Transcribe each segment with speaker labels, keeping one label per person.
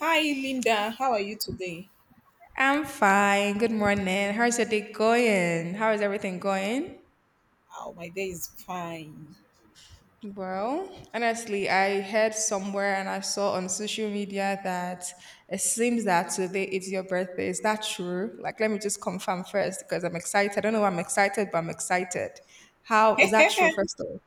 Speaker 1: Hi, Linda. How are you today?
Speaker 2: I'm fine. Good morning. How's your day going? How is everything going?
Speaker 1: Oh, my day is fine.
Speaker 2: Well, honestly, I heard somewhere and I saw on social media that it seems that today is your birthday. Is that true? Like, let me just confirm first because I'm excited. I don't know why I'm excited, but I'm excited. How is that true, first of all?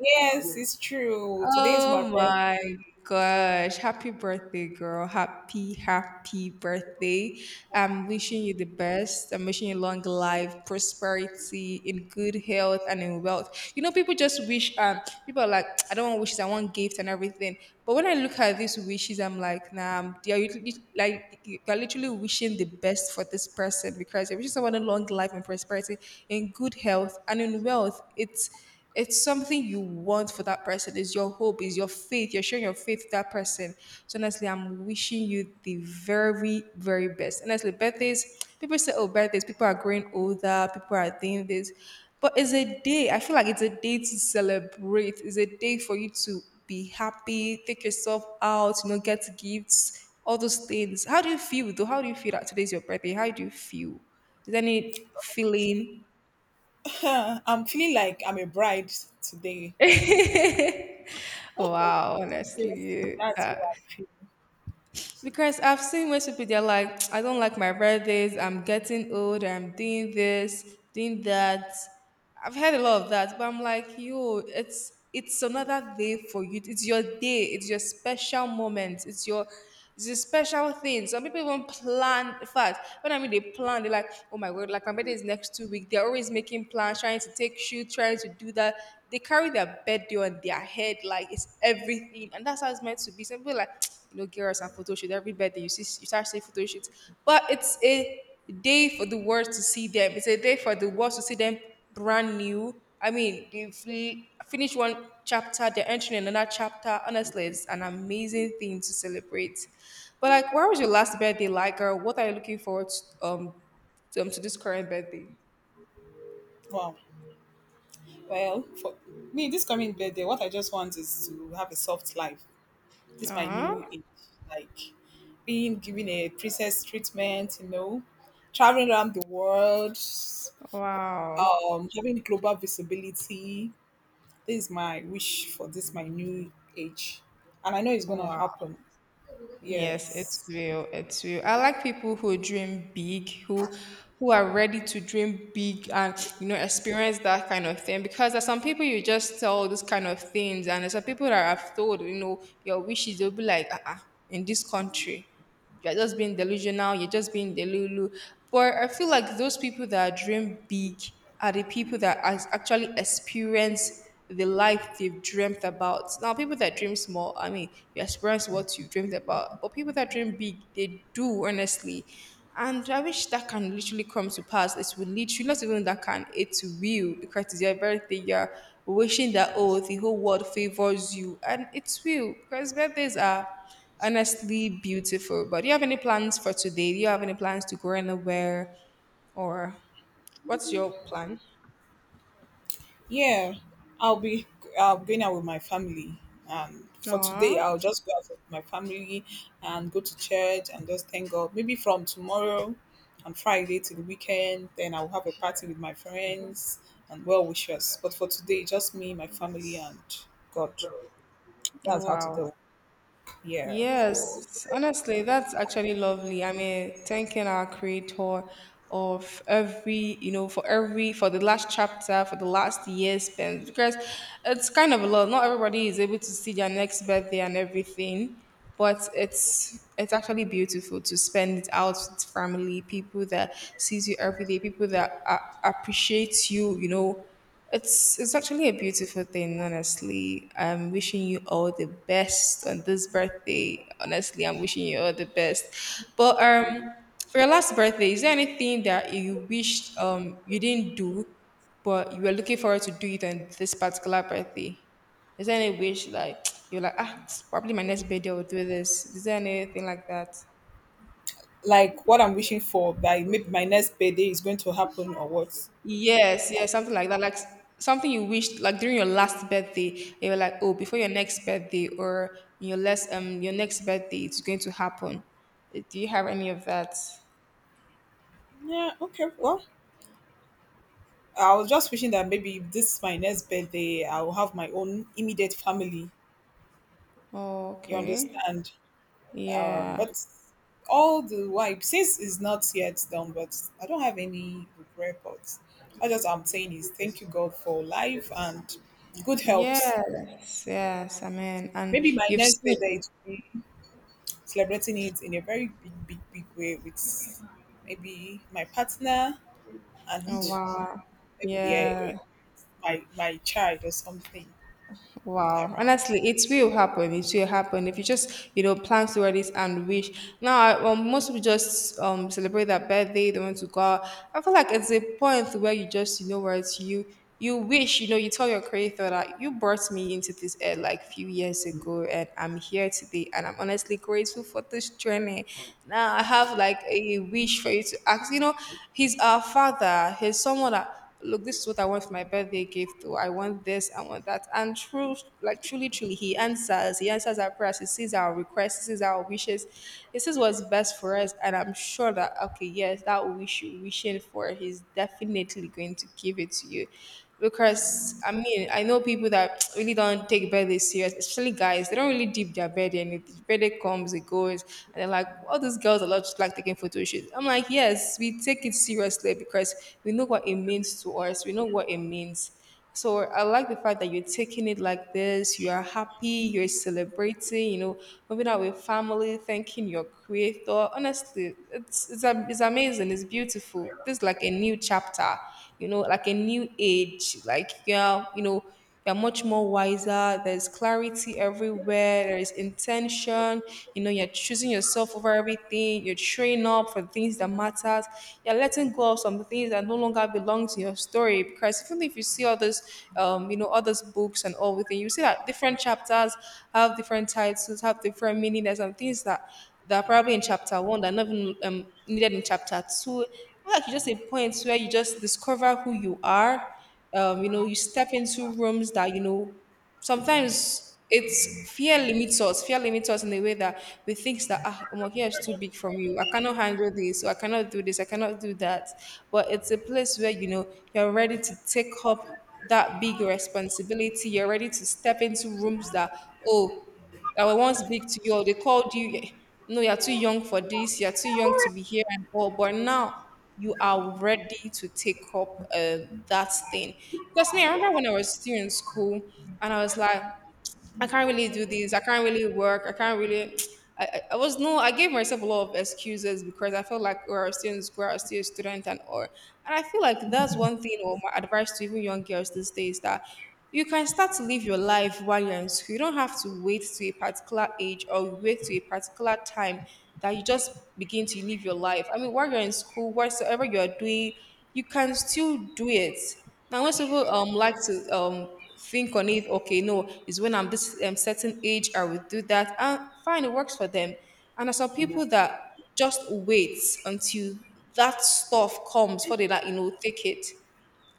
Speaker 1: Yes, it's true. Today is my
Speaker 2: Oh
Speaker 1: birthday.
Speaker 2: my gosh. Happy birthday, girl. Happy, happy birthday. I'm wishing you the best. I'm wishing you long life, prosperity, in good health, and in wealth. You know, people just wish, people are like, I don't want wishes, I want gifts and everything. But when I look at these wishes, I'm like, nah, they are literally, like you're literally wishing the best for this person because you're wishing someone a long life and prosperity, in good health, and in wealth. It's something you want for that person. It's your hope, it's your faith. You're showing your faith to that person. So honestly, I'm wishing you the very, very best. Honestly, birthdays, people say, oh, birthdays, people are growing older, people are doing this. But it's a day. I feel like it's a day to celebrate. It's a day for you to be happy, take yourself out, you know, get gifts, all those things. How do you feel though? How do you feel that today's your birthday? How do you feel? Is there any feeling?
Speaker 1: I'm feeling like I'm a bride today.
Speaker 2: Wow,
Speaker 1: Seriously,
Speaker 2: honestly,
Speaker 1: that's what
Speaker 2: that
Speaker 1: I feel.
Speaker 2: because I've seen most people they're like, I don't like my birthdays. I'm getting old. I'm doing this, doing that. I've heard a lot of that, but I'm like, yo, it's another day for you. It's your day. It's your special moment. It's a special thing. Some people even plan. In fact, when I mean they plan, they're like, oh my word, like my birthday is next 2 weeks. They're always making plans, trying to take shoot, trying to do that. They carry their birthday on their head, like it's everything, and that's how it's meant to be. Some people like you know, girls and photo shoot every birthday. You see, you start seeing photo shoots, but it's a day for the world to see them. It's a day for the world to see them brand new. I mean, if we finish one chapter, they're entering another chapter. Honestly, it's an amazing thing to celebrate. But like, where was your last birthday like, or what are you looking forward to, to this current birthday?
Speaker 1: Wow. Well, for me, this coming birthday, what I just want is to have a soft life. This is my
Speaker 2: Ah,
Speaker 1: new age, like being given a princess treatment, you know, traveling around the world,
Speaker 2: wow,
Speaker 1: having global visibility. This is my wish for this my new age, and I know it's gonna
Speaker 2: wow.
Speaker 1: happen.
Speaker 2: Yes, it's
Speaker 1: Yes.
Speaker 2: real. It's real. I like people who dream big, who are ready to dream big and experience that kind of thing. Because there's some people you just tell those kind of things, and there's some people that I've told, your wishes. They'll be like, uh-uh, in this country you're just being delusional, you're just being delulu. But I feel like those people that dream big are the people that actually experience the life they've dreamt about. Now, people that dream small, I mean, you experience what you dreamed about. But people that dream big, they do, honestly. And I wish that can literally come to pass. It will literally, not even that can, it will, because it's your birthday, you're wishing that, oh, the whole world favors you. And it will, because birthdays are, honestly, beautiful. But do you have any plans for today? Do you have any plans to go anywhere? Or what's your plan?
Speaker 1: Yeah, i'll be I'll be going out with my family, and for today
Speaker 2: Aw,
Speaker 1: I'll just go out with my family and go to church and just thank God. Maybe from tomorrow, on Friday to the weekend, then I'll have a party with my friends and well wishers. But for today, just me, my family, and God. That's how to
Speaker 2: wow.
Speaker 1: do. Yeah.
Speaker 2: Yes, honestly, that's actually lovely. I mean, thanking our creator of every, you know, for every, for the last chapter, for the last year spent, because it's kind of a lot. Not everybody is able to see their next birthday and everything, but it's actually beautiful to spend it out with family, people that sees you every day, people that appreciate you, you know. It's actually a beautiful thing, honestly. I'm wishing you all the best on this birthday. Honestly, I'm wishing you all the best. But for your last birthday, is there anything that you wished you didn't do but you were looking forward to do it on this particular birthday? Is there any wish like you're like, ah, probably my next birthday I will do this? Is there anything like that?
Speaker 1: Like what I'm wishing for, by maybe my next birthday is going to happen or what?
Speaker 2: Yes,
Speaker 1: Like,
Speaker 2: yes, something like that. Like something you wished like during your last birthday, you were like, oh, before your next birthday or your next birthday, it's going to happen. Do you have any of that?
Speaker 1: yeah, okay, well, I was just wishing that maybe this is my next birthday, I will have my own immediate family. You
Speaker 2: Okay.
Speaker 1: understand?
Speaker 2: Yeah.
Speaker 1: But all the while, since it's not yet done, but I don't have any regret. But I'm saying is thank you God for life and good health.
Speaker 2: Yes, yes, amen. And
Speaker 1: Maybe my
Speaker 2: you've
Speaker 1: next
Speaker 2: seen
Speaker 1: birthday is be celebrating it in a very big, big, big way with maybe my partner,
Speaker 2: oh
Speaker 1: and
Speaker 2: wow.
Speaker 1: maybe, yeah,
Speaker 2: Yeah.
Speaker 1: my child or something.
Speaker 2: Wow.
Speaker 1: Around.
Speaker 2: Honestly, it will happen. It will happen if you just, you know, plan toward it and wish. Now, most people just celebrate their birthday. They want to go out. I feel like it's a point where you just, you know, where it's you, you wish, you know, you tell your creator that you brought me into this air like few years ago, and I'm here today, and I'm honestly grateful for this journey. Now I have like a wish for you to ask. You know, he's our father. He's someone that look, this is what I want for my birthday gift, or I want this, I want that. And true, like truly, truly, he answers. He answers our prayers. He sees our requests. He sees our wishes. He sees what's best for us. And I'm sure that, okay, yes, that wish you're wishing for, he's definitely going to give it to you because I mean I know people that really don't take birthday serious, especially guys. They don't really dip their birthday, and it birthday comes, it goes, and they're like, all these girls are not just like taking photo shoots. I'm like, yes, we take it seriously because we know what it means to us. We know what it means. So I like the fact that you're taking it like this. You are happy. You're celebrating. You know, moving out with family, thanking your creator. Honestly, it's amazing. It's beautiful. This is like a new chapter. You know, like a new age. Like yeah, you know you're much more wiser. There's clarity everywhere. There is intention. You know, you're choosing yourself over everything. You're training up for things that matters. You're letting go of some things that no longer belong to your story. Because even if you see others, you know, others' books and all within, you see that different chapters have different titles, have different meaning. There's some things that are probably in chapter one that are not even needed in chapter two. Like you just a point where you just discover who you are, you know, you step into rooms that, you know, sometimes it's fear limits us. Fear limits us in a way that we think that, ah, Omo, here is too big from you. I cannot handle this, or I cannot do this, I cannot do that. But it's a place where, you know, you're ready to take up that big responsibility. You're ready to step into rooms that, oh, I was once big to you, or they called you, no, you're too young for this, you're too young to be here and all. But now you are ready to take up that thing. Because me, I remember when I was still in school and I was like, I can't really do this. I can't really work. I can't really. I was no. I gave myself a lot of excuses because I felt like we are still in school, I was still a student, and or. And I feel like that's one thing, or my advice to even young girls these days that you can start to live your life while you're in school. You don't have to wait to a particular age or wait to a particular time that you just begin to live your life. I mean, while you're in school, whatsoever you are doing, you can still do it. Now, most people like to think on it. Okay, no, it's when I'm this certain age I will do that. And fine, it works for them, and there's some people that just wait until that stuff comes for they like, you know, take it.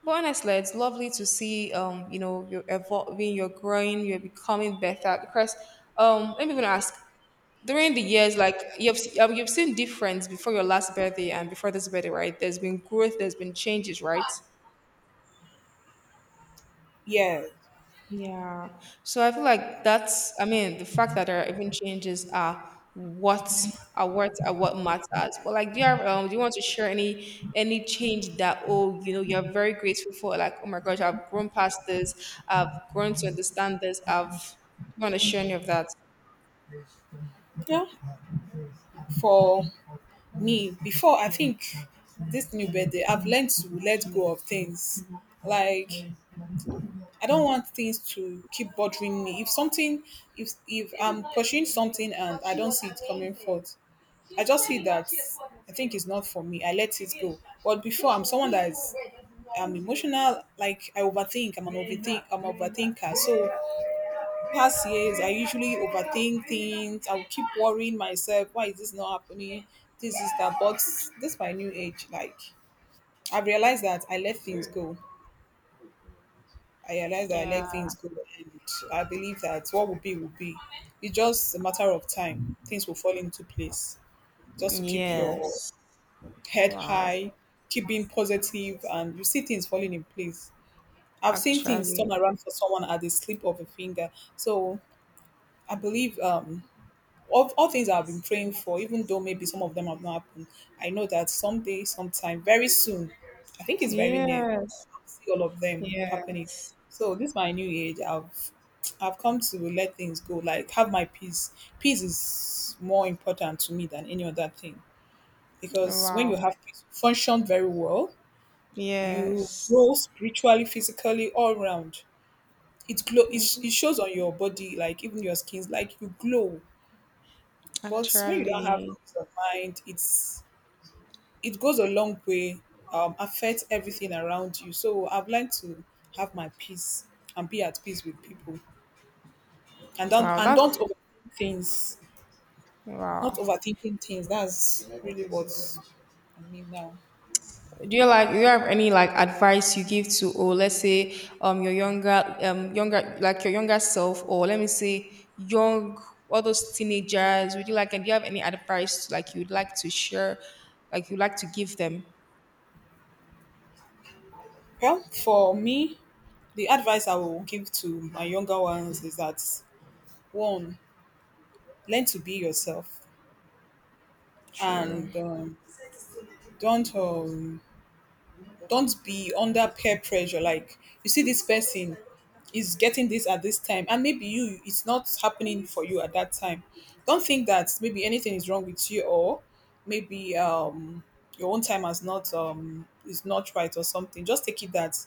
Speaker 2: But honestly, it's lovely to see, you know, you're evolving, you're growing, you're becoming better. Because, let me even ask, during the years, like you've, you've seen difference before your last birthday and before this birthday, right? There's been growth, there's been changes, right?
Speaker 1: Yeah.
Speaker 2: Yeah. So I feel like that's, I mean, the fact that there are even changes are what matters. But like, do you have, do you want to share any change that oh, you're very grateful for? Like, oh my gosh, I've grown past this. I've grown to understand this. I've. Do you want to share any of that?
Speaker 1: Yeah. For me, before, I think this new birthday, I've learned to let go of things. Like, I don't want things to keep bothering me. If I'm pursuing something and I don't see it coming forth, I just see that I think it's not for me. I let it go. But before, I'm someone that is I'm emotional. Like, I overthink. I'm an overthinker. So past years I usually overthink things. I'll keep worrying myself, why is this not happening, this is that. But this my new age, like, I've realized that I let things go. I realized that I let
Speaker 2: Yeah.
Speaker 1: things go, and I believe that what will be will be. It's just a matter of time, things will fall into place. Just to keep your
Speaker 2: Yes.
Speaker 1: head
Speaker 2: Wow.
Speaker 1: high, keep being positive, and you see things falling in place. I've seen things
Speaker 2: Actually.
Speaker 1: turn around for someone at the slip of a finger. So I believe, all things I've been praying for, even though maybe some of them have not happened, I know that someday, sometime, very soon, I think it's very near,
Speaker 2: Yes.
Speaker 1: I'll see all of them happening.
Speaker 2: Yes.
Speaker 1: So this my new age. I've come to let things go, like, have my peace. Peace is more important to me than any other thing. Because when
Speaker 2: Wow.
Speaker 1: you have peace, you function very well, you
Speaker 2: Yes.
Speaker 1: grow spiritually, physically, all round. It glow it,
Speaker 2: Mhm.
Speaker 1: it shows on your body, like, even your skins, like you glow. But when you don't have
Speaker 2: Actually.
Speaker 1: peace of mind, it goes a long way, affects everything around you. So I've learned to have my peace and be at peace with people, and don't
Speaker 2: Wow.
Speaker 1: and
Speaker 2: That's
Speaker 1: don't overthink things. Not
Speaker 2: Wow.
Speaker 1: overthinking things. That's really what I mean now.
Speaker 2: Do you have any like advice you give to, or let's say your younger, younger, like your younger self, or let me say young, all those teenagers, would you like and do you have any advice like you'd like to share like you'd like to give them?
Speaker 1: Well, for me, the advice I will give to my younger ones is that, one, learn to be yourself,
Speaker 2: True.
Speaker 1: and don't um, don't be under peer pressure. Like, you see this person is getting this at this time and maybe you, it's not happening for you at that time. Don't think that maybe anything is wrong with you, or maybe, your own time has not is not right, or something. Just take it that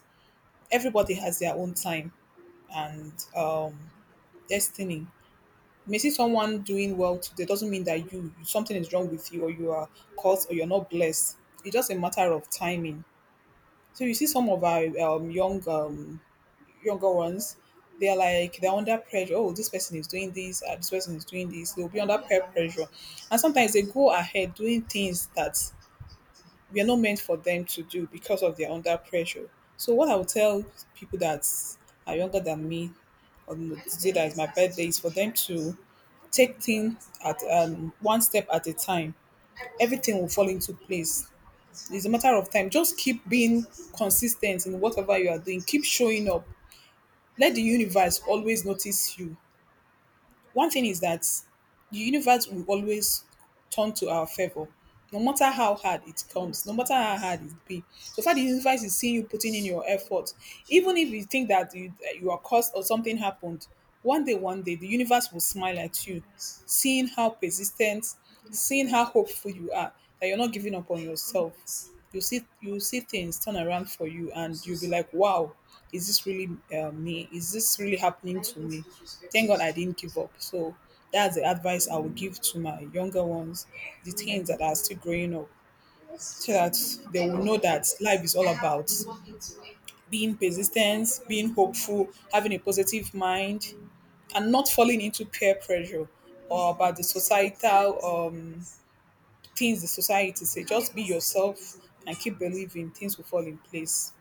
Speaker 1: everybody has their own time, and destiny. You may see someone doing well today, doesn't mean that you something is wrong with you, or you are cursed, or you're not blessed. It's just a matter of timing. So you see some of our, younger ones, they're under pressure. Oh, this person is doing this, this person is doing this. They'll be under peer pressure, and sometimes they go ahead doing things that were not meant for them to do, because of their under pressure. So what I would tell people that are younger than me, on the day that is my birthday, is for them to take things at, one step at a time. Everything will fall into place. It's a matter of time. Just keep being consistent in whatever you are doing. Keep showing up. Let the universe always notice you. One thing is that the universe will always turn to our favor, no matter how hard it comes, no matter how hard it be. So far, the universe is seeing you putting in your effort. Even if you think that that you are cursed or something happened, one day, the universe will smile at you, seeing how persistent, seeing how hopeful you are, that you're not giving up on yourself. You see things turn around for you, and you'll be like, "Wow, is this really, me? Is this really happening to me?" Thank God I didn't give up. So that's the advice I would give to my younger ones, the teens that are still growing up, so that they will know that life is all about being persistent, being hopeful, having a positive mind, and not falling into peer pressure, or about the societal, things the society say. Just be yourself and keep believing things will fall in place.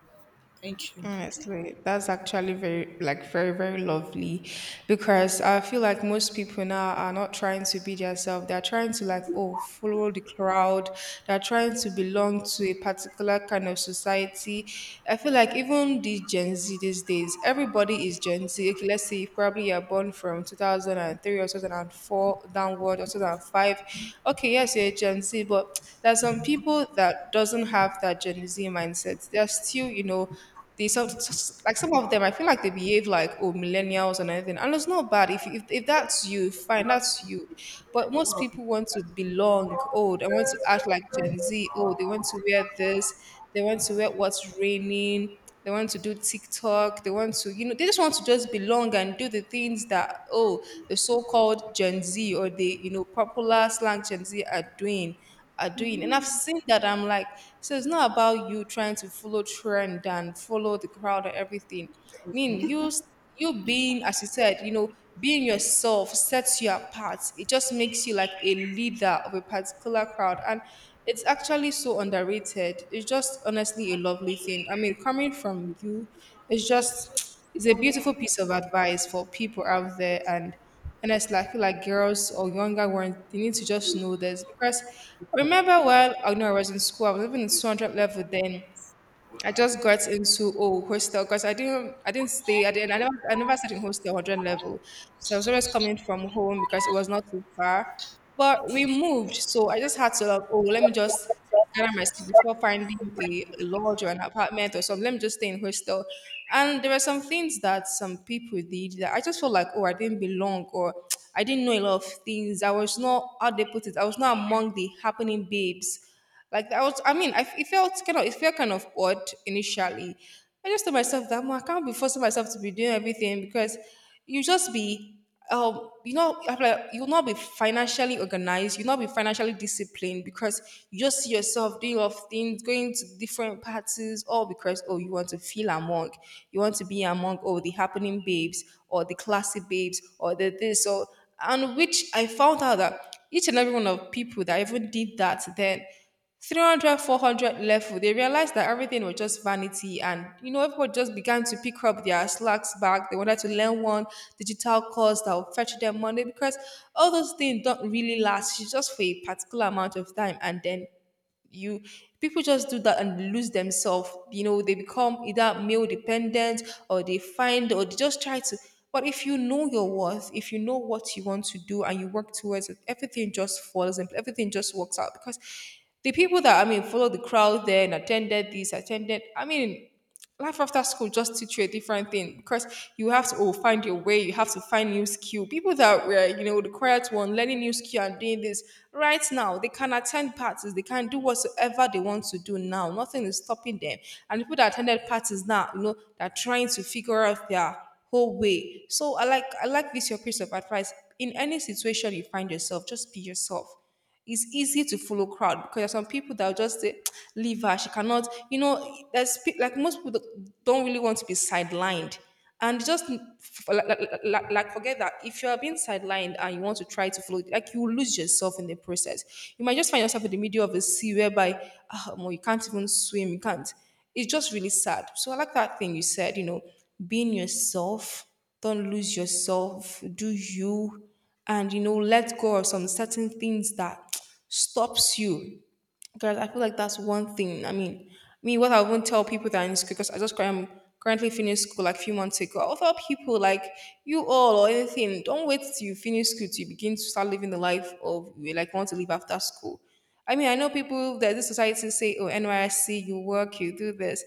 Speaker 1: Thank you.
Speaker 2: Honestly, that's actually very, like, very, very lovely because I feel like most people now are not trying to be themselves. They're trying to, like, oh, follow the crowd. They're trying to belong to a particular kind of society. I feel like even the Gen Z these days, everybody is Gen Z. Okay, let's say if probably you're born from 2003 or 2004 downward, or 2005. Okay, yes, you're a Gen Z, but there are some people that doesn't have that Gen Z mindset. They're still, you know, they some like some of them. I feel like they behave like oh millennials and everything, and it's not bad if if that's you, fine, that's you. But most people want to belong. Oh, they want to act like Gen Z. Oh, they want to wear this. They want to wear what's raining. They want to do TikTok. They want to, you know, they just want to just belong and do the things that oh the so-called Gen Z, or the you know popular slang Gen Z are doing. And I've seen that I'm like, so it's not about you trying to follow trend and follow the crowd and everything. I mean, you being, as you said, you know, being yourself sets you apart. It just makes you like a leader of a particular crowd. And it's actually so underrated. It's just honestly a lovely thing. I mean, coming from you, it's a beautiful piece of advice for people out there, and it's like I feel like girls or younger ones, they need to just know this because I remember when I know I was in school, I was living in 200 level then. I just got into oh hostel because I didn't stay I didn't I never stayed in hostel hundred level, so I was always coming from home because it was not too far. But we moved, so I just had to like oh let me just gather myself before finding a lodge or an apartment or something. Let me just stay in hostel, and there were some things that some people did that I just felt like oh I didn't belong, or I didn't know a lot of things. I was not how they put it. I was not among the happening babes. Like I was, I mean, it felt kind of odd initially. I just told myself that "Mo, I can't be forcing myself to be doing everything because you just be, I'm like you'll not be financially organized, you'll not be financially disciplined because you just see yourself doing of things, going to different parties, all because oh, you want to feel among, you want to be among oh the happening babes or the classy babes or the this or, and which I found out that each and every one of people that even did that then, 300, four hundred, 400 level, they realized that everything was just vanity, and you know everybody just began to pick up their slacks back. They wanted to learn one digital course that will fetch them money because all those things don't really last, it's just for a particular amount of time, and then you, people just do that and lose themselves, you know, they become either male dependent or they find, or they just try to. But if you know your worth, if you know what you want to do and you work towards it, everything just falls and everything just works out because the people that I mean follow the crowd there and attended I mean, life after school just teach you a different thing because you have to oh, find your way. You have to find new skill. People that were you know the quiet one learning new skill and doing this right now, they can attend parties, they can do whatsoever they want to do now, nothing is stopping them. And people that attended parties now, you know, they're trying to figure out their whole way. So I like this your piece of advice. In any situation you find yourself, just be yourself. It's easy to follow crowd because there's some people that will just say, leave her, she cannot, you know, there's pe- like most people that don't really want to be sidelined. And just f- forget that if you are being sidelined and you want to try to follow, like you will lose yourself in the process. You might just find yourself in the middle of a sea whereby ah, omo, you can't even swim, you can't. It's just really sad. So I like that thing you said, you know, being yourself, don't lose yourself, do you, and you know let go of some certain things that stops you because I feel like that's one thing. I mean, me, what I won't tell people that are in school because I'm currently finished school like a few months ago, I'll tell people like you all or anything, don't wait till you finish school till you begin to start living the life of you like want to live after school. I mean, I know people that this society say oh NYSC you work you do this.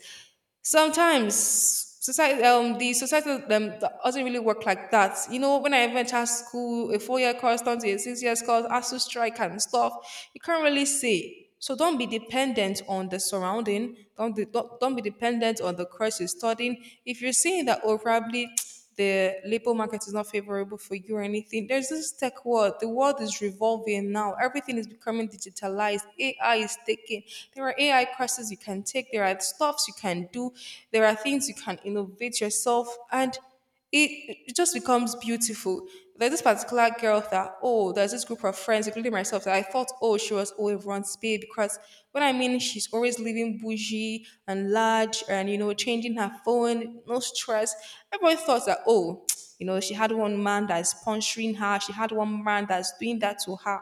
Speaker 2: Sometimes society, the society, that doesn't really work like that. You know, when I entered school, a four-year course turns to a six-year course, ASU strike and stuff. You can't really say. So don't be dependent on the surrounding. Don't be dependent on the course you're studying. If you're seeing that, oh, probably the labor market is not favorable for you or anything, there's this tech world. The world is revolving now. Everything is becoming digitalized. AI is taking. There are AI courses you can take. There are stuffs you can do. There are things you can innovate yourself, and it just becomes beautiful. There's this particular girl that oh there's this group of friends including myself that I thought oh she was oh everyone's babe because when I mean she's always living bougie and large and you know changing her phone no stress. Everybody thought that oh you know she had one man that's sponsoring her, she had one man that's doing that to her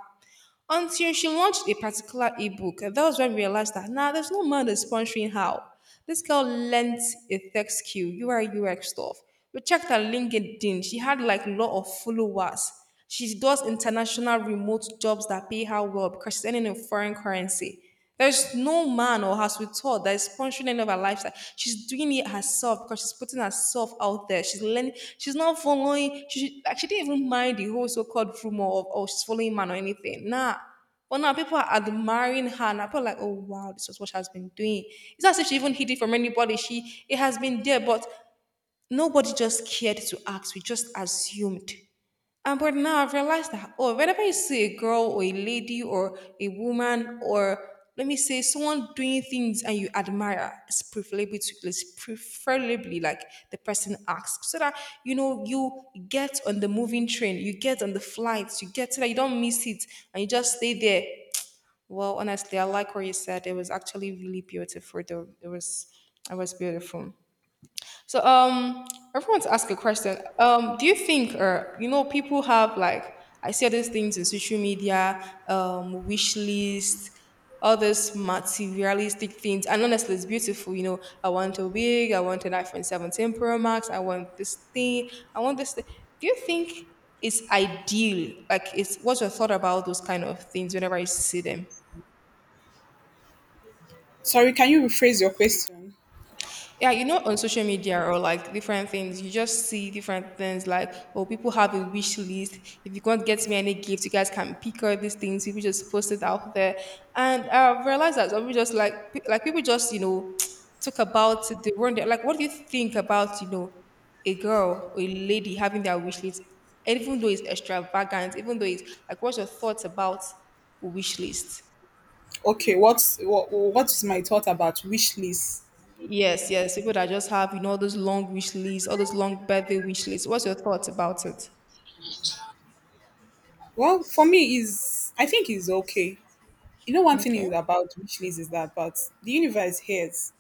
Speaker 2: until she launched a particular ebook. And that was when we realized that nah, there's no man that's sponsoring her. This girl lent a tech skill, UI UX stuff. We checked her LinkedIn. She had like a lot of followers. She does international remote jobs that pay her well because she's earning in foreign currency. There's no man or has with her that is sponsoring any of her lifestyle. She's doing it herself because she's putting herself out there. She's learning. She's not following. She didn't even mind the whole so-called rumor of oh she's following man or anything. Nah. But now people are admiring her. Now people are like, oh wow, this is what she has been doing. It's not as if she even hid it from anybody. She it has been there, but nobody just cared to ask. We just assumed. And but now I've realized that, oh, whenever you see a girl or a lady or a woman or let me say someone doing things and you admire, it's preferably like the person asks so that you know you get on the moving train, you get on the flights, you get, so that you don't miss it and you just stay there. Well, honestly, I like what you said. It was actually really beautiful though. It was beautiful. So everyone to ask a question. Do you think, or you know, people have like I see all these things in social media, wish list, all these materialistic things, and honestly, it's beautiful. You know, I want a wig, I want an iPhone 17 Pro Max, I want this thing, I want this thing. Do you think it's ideal? Like, it's what's your thought about those kind of things whenever you see them?
Speaker 1: Sorry, can you rephrase your question?
Speaker 2: Yeah, you know, on social media or like different things, you just see different things like, oh, people have a wish list. If you can't get me any gift, you guys can pick all these things. People just post it out there. And I've realized that some people just like people just talk about it. They wonder, like, what do you think about, a girl or a lady having their wish list, even though it's extravagant, even though it's like, what's your thoughts about wish list?
Speaker 1: Okay, what's my thought about wish list?
Speaker 2: Yes, yes. People that just have, you know, all those long wish lists, all those long birthday wish lists. What's your thoughts about it?
Speaker 1: Well, for me is, I think it's okay. You know, one thing
Speaker 2: Okay.
Speaker 1: is about wish list is that, but the universe hears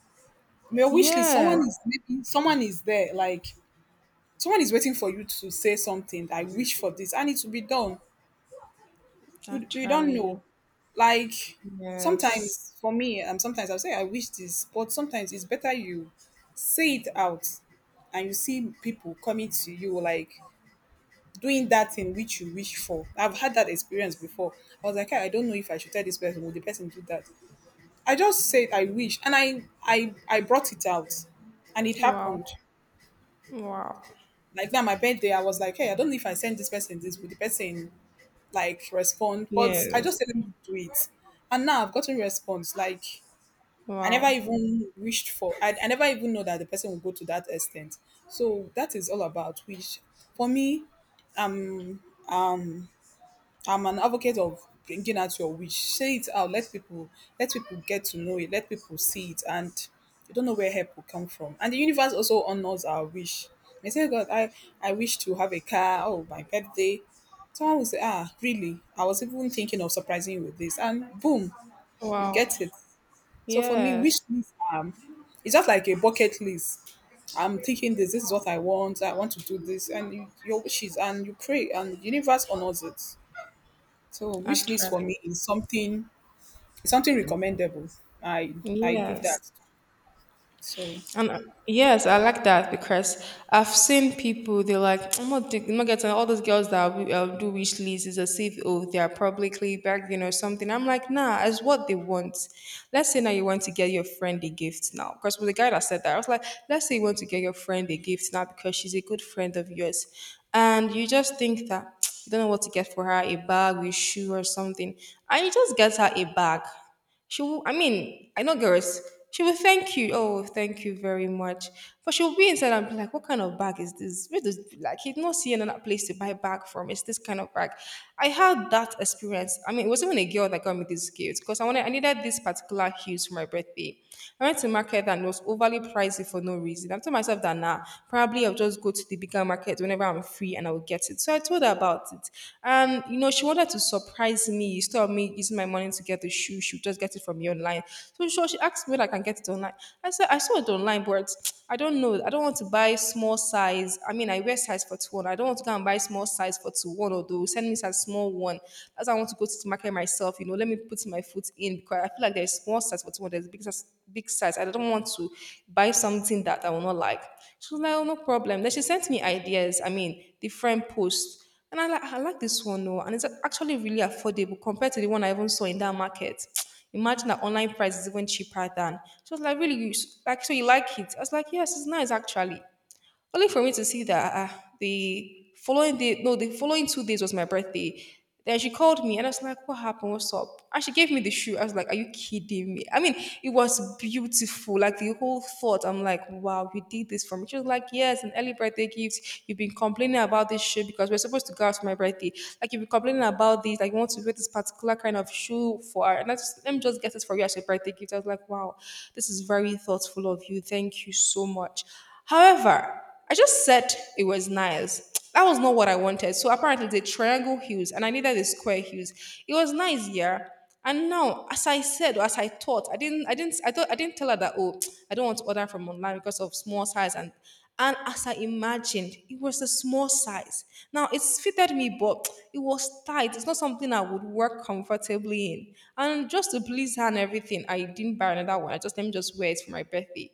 Speaker 1: your wish list. Someone
Speaker 2: Yes,
Speaker 1: is Maybe someone is there, like someone is waiting for you to say something, I wish for this, and it will be done. You don't
Speaker 2: actually.
Speaker 1: know. Like,
Speaker 2: Yes.
Speaker 1: sometimes for me, sometimes I'll say I wish this, but sometimes it's better you say it out, and you see people coming to you, like, doing that thing which you wish for. I've had that experience before. I was like, "Ah, I don't know if I should tell this person. Will the person do that?" I just said I wish, and I brought it out, and it
Speaker 2: Wow.
Speaker 1: happened.
Speaker 2: Wow.
Speaker 1: Like, now, my birthday, I was like, hey, I don't know if I send this person this, would the person like respond? But I just
Speaker 2: Yes.
Speaker 1: said let me do it, and now I've gotten response. Like, I never
Speaker 2: Wow.
Speaker 1: even wished for. I never even know that the person will go to that extent. So that is all about wish. For me, I'm an advocate of bringing out your wish. Say it out. Let people get to know it. Let people see it, and you don't know where help will come from. And the universe also honors our wish. They say, God, I wish to have a car. Oh, my birthday. Someone will say, Ah, really? I was even thinking of surprising you with this, and boom, you
Speaker 2: Wow.
Speaker 1: get it. So for me, wish
Speaker 2: Yes,
Speaker 1: list, it's just like a bucket list. I'm thinking this. This is what I want. I want to do this, and your wishes, and you pray, and the universe honors it. So wish
Speaker 2: actually.
Speaker 1: list for me is something, is something recommendable. I I do
Speaker 2: Yes.
Speaker 1: that. So
Speaker 2: And Yes, I like that because I've seen people, they're like, I'm not getting all those girls that do wish lists. Is as if, oh, they are publicly begging or something. I'm like, nah, it's what they want. Let's say now you want to get your friend a gift now. Because with the guy that said that, I was like, let's say you want to get your friend a gift now because she's a good friend of yours. And you just think that, you don't know what to get for her, a bag, a shoe or something. And you just get her a bag. She will, I mean, I know girls, she will thank you. Oh, thank you very much. But she'll be inside and be like, what kind of bag is this? Where does, like, he'd not see another place to buy bag from. It's this kind of bag. I had that experience. I mean, it was even a girl that got me this gift because I needed this particular hues for my birthday. I went to market and it was overly pricey for no reason. I told myself that now, nah, probably I'll just go to the bigger market whenever I'm free and I would get it. So I told her about it. And, you know, she wanted to surprise me. Instead of me using my money to get the shoe, she would just get it from me online. So sure, she asked me whether I can get it online. I said, I saw it online, but I don't know. I don't want to buy small size. I mean, I wear size 41. I don't want to go and buy small size 41, although send me size small one. That's why I want to go to the market myself. You know, let me put my foot in because I feel like there's small size for someone, there's big size, big size. I don't want to buy something that I will not like. She was like, oh, no problem. Then she sent me ideas, I mean, different posts. And I like this one, though. And it's actually really affordable compared to the one I even saw in that market. Imagine that online price is even cheaper than. She was like, really? Like, so you like it? I was like, yes, it's nice, actually. Only for me to see that the following day, no, the following 2 days was my birthday. Then she called me and I was like, what happened? What's up? And she gave me the shoe. I was like, are you kidding me? I mean, it was beautiful. Like the whole thought, I'm like, wow, you did this for me. She was like, yes, an early birthday gift. You've been complaining about this shoe because we're supposed to go out for my birthday. Like, you've been complaining about this. Like, you want to wear this particular kind of shoe for her. And I just, let me just get this for you as your birthday gift. I was like, wow, this is very thoughtful of you. Thank you so much. However, I just said it was nice. That was not what I wanted. So apparently the triangle hues and I needed the square hues. It was nice, yeah. And now, as I said, or as I thought, I thought, I didn't tell her that. Oh, I don't want to order from online because of small size. And as I imagined, it was a small size. Now it's fitted me, but it was tight. It's not something I would work comfortably in. And just to please her and everything, I didn't buy another one. I just let me just wear it for my birthday.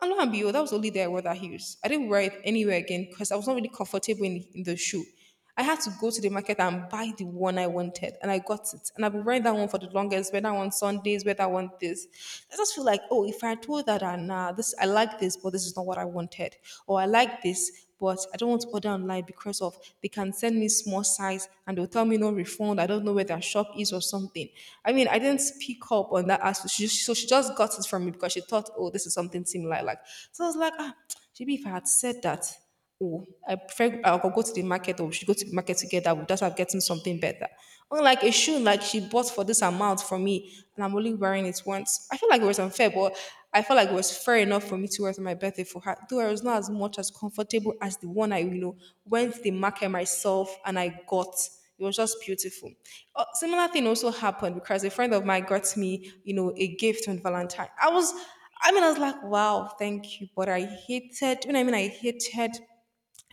Speaker 2: I'm not happy. Oh, that was the only day I wore that heels. I didn't wear it anywhere again because I was not really comfortable in the shoe. I had to go to the market and buy the one I wanted, and I got it. And I've been wearing that one for the longest. Wear that one Sundays. Wear that one this. I just feel like, oh, if I told that, and nah, this I like this, but this is not what I wanted, or I like this, but I don't want to order online because of they can send me small size and they'll tell me no refund. I don't know where their shop is or something. I mean, I didn't pick up on that aspect. So she just got it from me because she thought, oh, this is something similar. Like so, I was like, ah, maybe if I had said that, oh, I prefer I'll go to the market or we should go to the market together. We'll just have getting something better. Unlike a shoe like she bought for this amount for me and I'm only wearing it once. I feel like it was unfair, but I felt like it was fair enough for me to wear it on my birthday for her, though I was not as much as comfortable as the one I, you know, went to the market myself and I got. It was just beautiful. Similar thing also happened because a friend of mine got me, you know, a gift on Valentine. I mean, I was like, wow, thank you. But I hated, you know, I mean I hated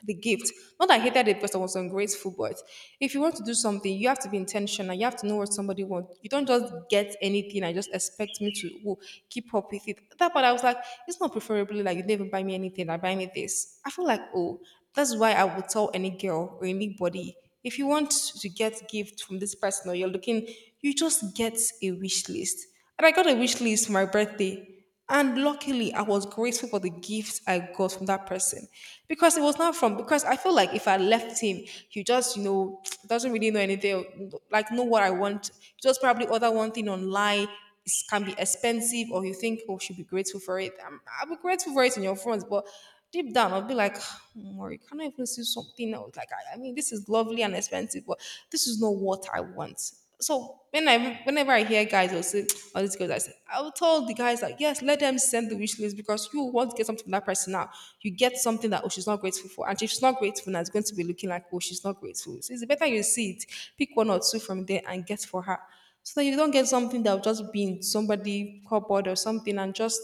Speaker 2: the gift. Not that I hated the person was ungrateful, but if you want to do something, you have to be intentional. You have to know what somebody wants. You don't just get anything and just expect me to oh, keep up with it. That part I was like, it's not preferably like you didn't even buy me anything. I buy me this. I feel like oh, that's why I would tell any girl or anybody if you want to get gift from this person or you're looking, you just get a wish list. And I got a wish list for my birthday. And luckily, I was grateful for the gift I got from that person because it was not from, because I feel like if I left him, he just, you know, doesn't really know anything, like, know what I want. Just probably order one thing online. It can be expensive, or you think, oh, should be grateful for it. I'll be grateful for it in your front, but deep down, I'll be like, Mori, can I even see something else? Like, I mean, this is lovely and expensive, but this is not what I want. So whenever I hear guys will say all these girls, I say I will tell the guys like yes, let them send the wish list because you want to get something from that person now. You get something that oh she's not grateful for, and if she's not grateful, now it's going to be looking like oh she's not grateful. So it's better you see it, pick one or two from there and get for her, so that you don't get something that will just be in somebody cupboard or something and just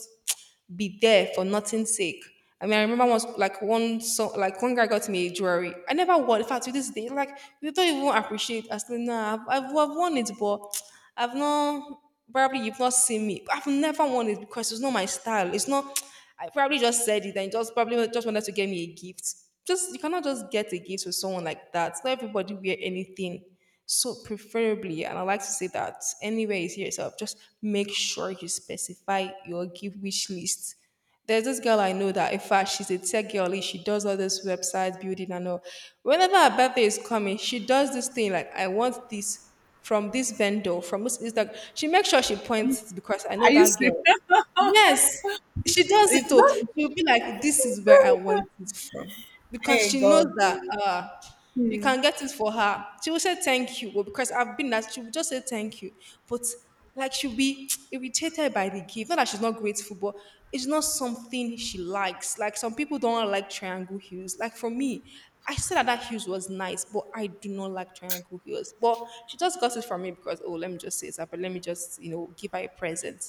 Speaker 2: be there for nothing's sake. I mean, I remember once, like one guy got me a jewelry. I never wore. In fact, to this day, like you don't even appreciate. I said, nah, I've worn it, but I've not. Probably you've not seen me. I've never worn it because it's not my style. It's not. I probably just said it and just probably just wanted to get me a gift. Just you cannot just get a gift with someone like that. Not everybody wear anything. So preferably, and I like to say that anywhere you see yourself, just make sure you specify your gift wish list. There's this girl I know that in fact she's a tech girlie. She does all this website building and all. Whenever her birthday is coming, she does this thing like I want this from this vendor, from this Instagram. She makes sure she points because I know
Speaker 1: are you
Speaker 2: that
Speaker 1: to?
Speaker 2: girl. Yes, she does it
Speaker 1: It's
Speaker 2: too.
Speaker 1: not.
Speaker 2: She'll be like, "This is where I want it from," because
Speaker 1: Hey
Speaker 2: she knows
Speaker 1: God.
Speaker 2: that you
Speaker 1: Hmm.
Speaker 2: can get it for her. She will say thank you, well, because I've been that. She will just say thank you, but like she'll be irritated by the gift. Not that she's not grateful, but it's not something she likes. Like some people don't like triangle heels. Like for me. I said that heels was nice, but I do not like triangle heels. But she just got it from me because oh, let me just say it, but let me just give her a present.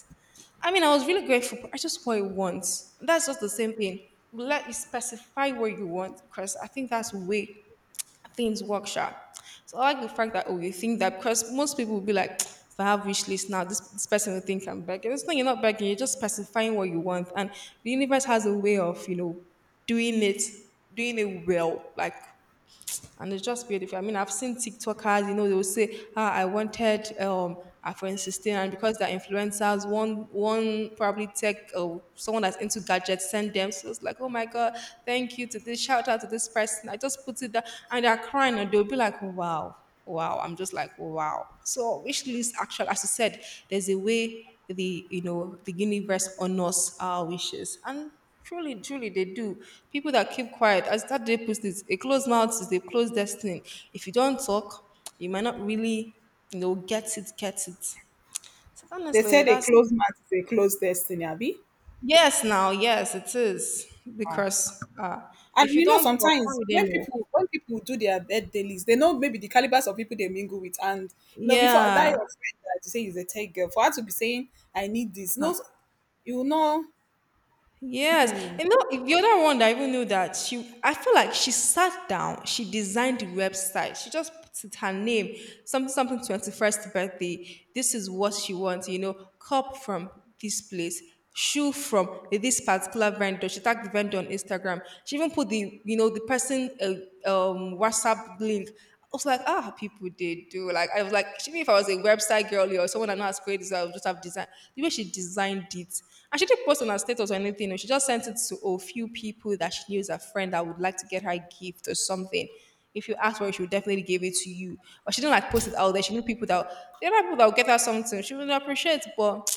Speaker 2: I mean, I was really grateful, but I just want it once. That's just the same thing. Let you specify what you want because I think that's the way things work, sharp. So I like the fact that oh, you think that because most people will be like, if I have wish list now, this person will think I'm begging. It's not you're not begging. You're just specifying what you want, and the universe has a way of doing it, doing it well, like, and it's just beautiful. I mean, I've seen TikTokers, you know, they will say, ah, I wanted iPhone 16, and because they're influencers, one probably tech or someone that's into gadgets send them. So it's like, oh my god, thank you to this, shout out to this person. I just put it there, and they're crying, and they'll be like, wow, wow. I'm just like, wow. So wish list actually, as you said, there's a way the you know the universe honors our wishes, and truly, truly, they do. People that keep quiet, as that day puts it, a closed mouth is a closed destiny. If you don't talk, you might not really, you know, get it, get it. So
Speaker 1: They
Speaker 2: honestly,
Speaker 1: said a
Speaker 2: that's
Speaker 1: closed mouth is a closed destiny, Abby.
Speaker 2: yes, now, yes, it is
Speaker 1: Ah.
Speaker 2: because if
Speaker 1: And
Speaker 2: you
Speaker 1: you know,
Speaker 2: don't talk, how
Speaker 1: sometimes
Speaker 2: will they
Speaker 1: when
Speaker 2: know?
Speaker 1: people when people do their birthday list, they know maybe the calibers of people they mingle with, and you know, before that
Speaker 2: Yeah.
Speaker 1: your friend that you say is a tech girl, for her to be saying I need this, no,
Speaker 2: Ah.
Speaker 1: you know,
Speaker 2: Yes, and know the other one that I even knew that she, I feel like she sat down, she designed the website, she just put it, her name, something, something, 21st birthday. This is what she wants, you know, cup from this place, shoe from this particular vendor. She tagged the vendor on Instagram. She even put the, you know, the person WhatsApp link. I was like, ah, people they do. Like I was like, even if I was a website girly or someone I know as creative, I would just have designed the way she designed it. And she didn't post on her status or anything. No, she just sent it to a, oh, few people that she knew as a friend that would like to get her a gift or something. If you asked for it, she would definitely give it to you. But she didn't like post it out there. She knew people that there are people that would get her something. She would appreciate, but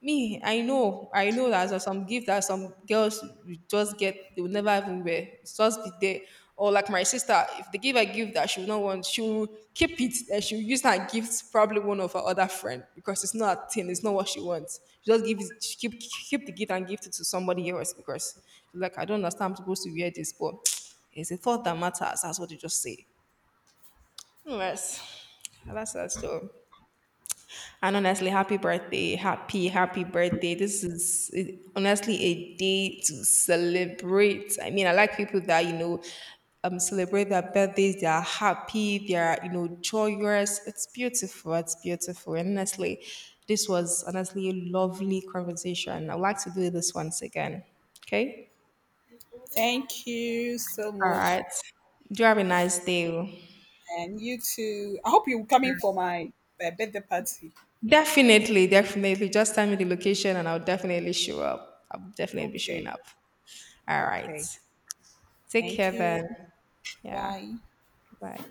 Speaker 2: me, I know that there's some gift that some girls will just get, they will never even wear. It's just be there. Or like my sister, if they give a gift that she will not want, she will keep it and she'll use that gift probably one of her other friend because it's not a thing, it's not what she wants. She just give it, she keep the gift and give it to somebody else because she's like, I don't understand, I'm supposed to wear this, but it's a thought that matters. That's what you just say. Yes, that's that story. And honestly, happy birthday. Happy, happy birthday. This is it- honestly a day to celebrate. I mean, I like people that, you know, celebrate their birthdays. They are happy. They are, you know, joyous. It's beautiful. It's beautiful. And honestly, this was honestly a lovely conversation. I'd like to do this once again. Okay?
Speaker 1: thank you so
Speaker 2: All
Speaker 1: much.
Speaker 2: right. Do have a nice day. Oh.
Speaker 1: And you too. I hope you're coming for my, birthday party.
Speaker 2: Definitely, definitely. Just tell me the location and I'll definitely show up. I'll definitely be showing
Speaker 1: Okay.
Speaker 2: up. All right.
Speaker 1: Okay.
Speaker 2: Take
Speaker 1: Thank
Speaker 2: care
Speaker 1: you.
Speaker 2: then. Yeah.
Speaker 1: Bye.
Speaker 2: Bye.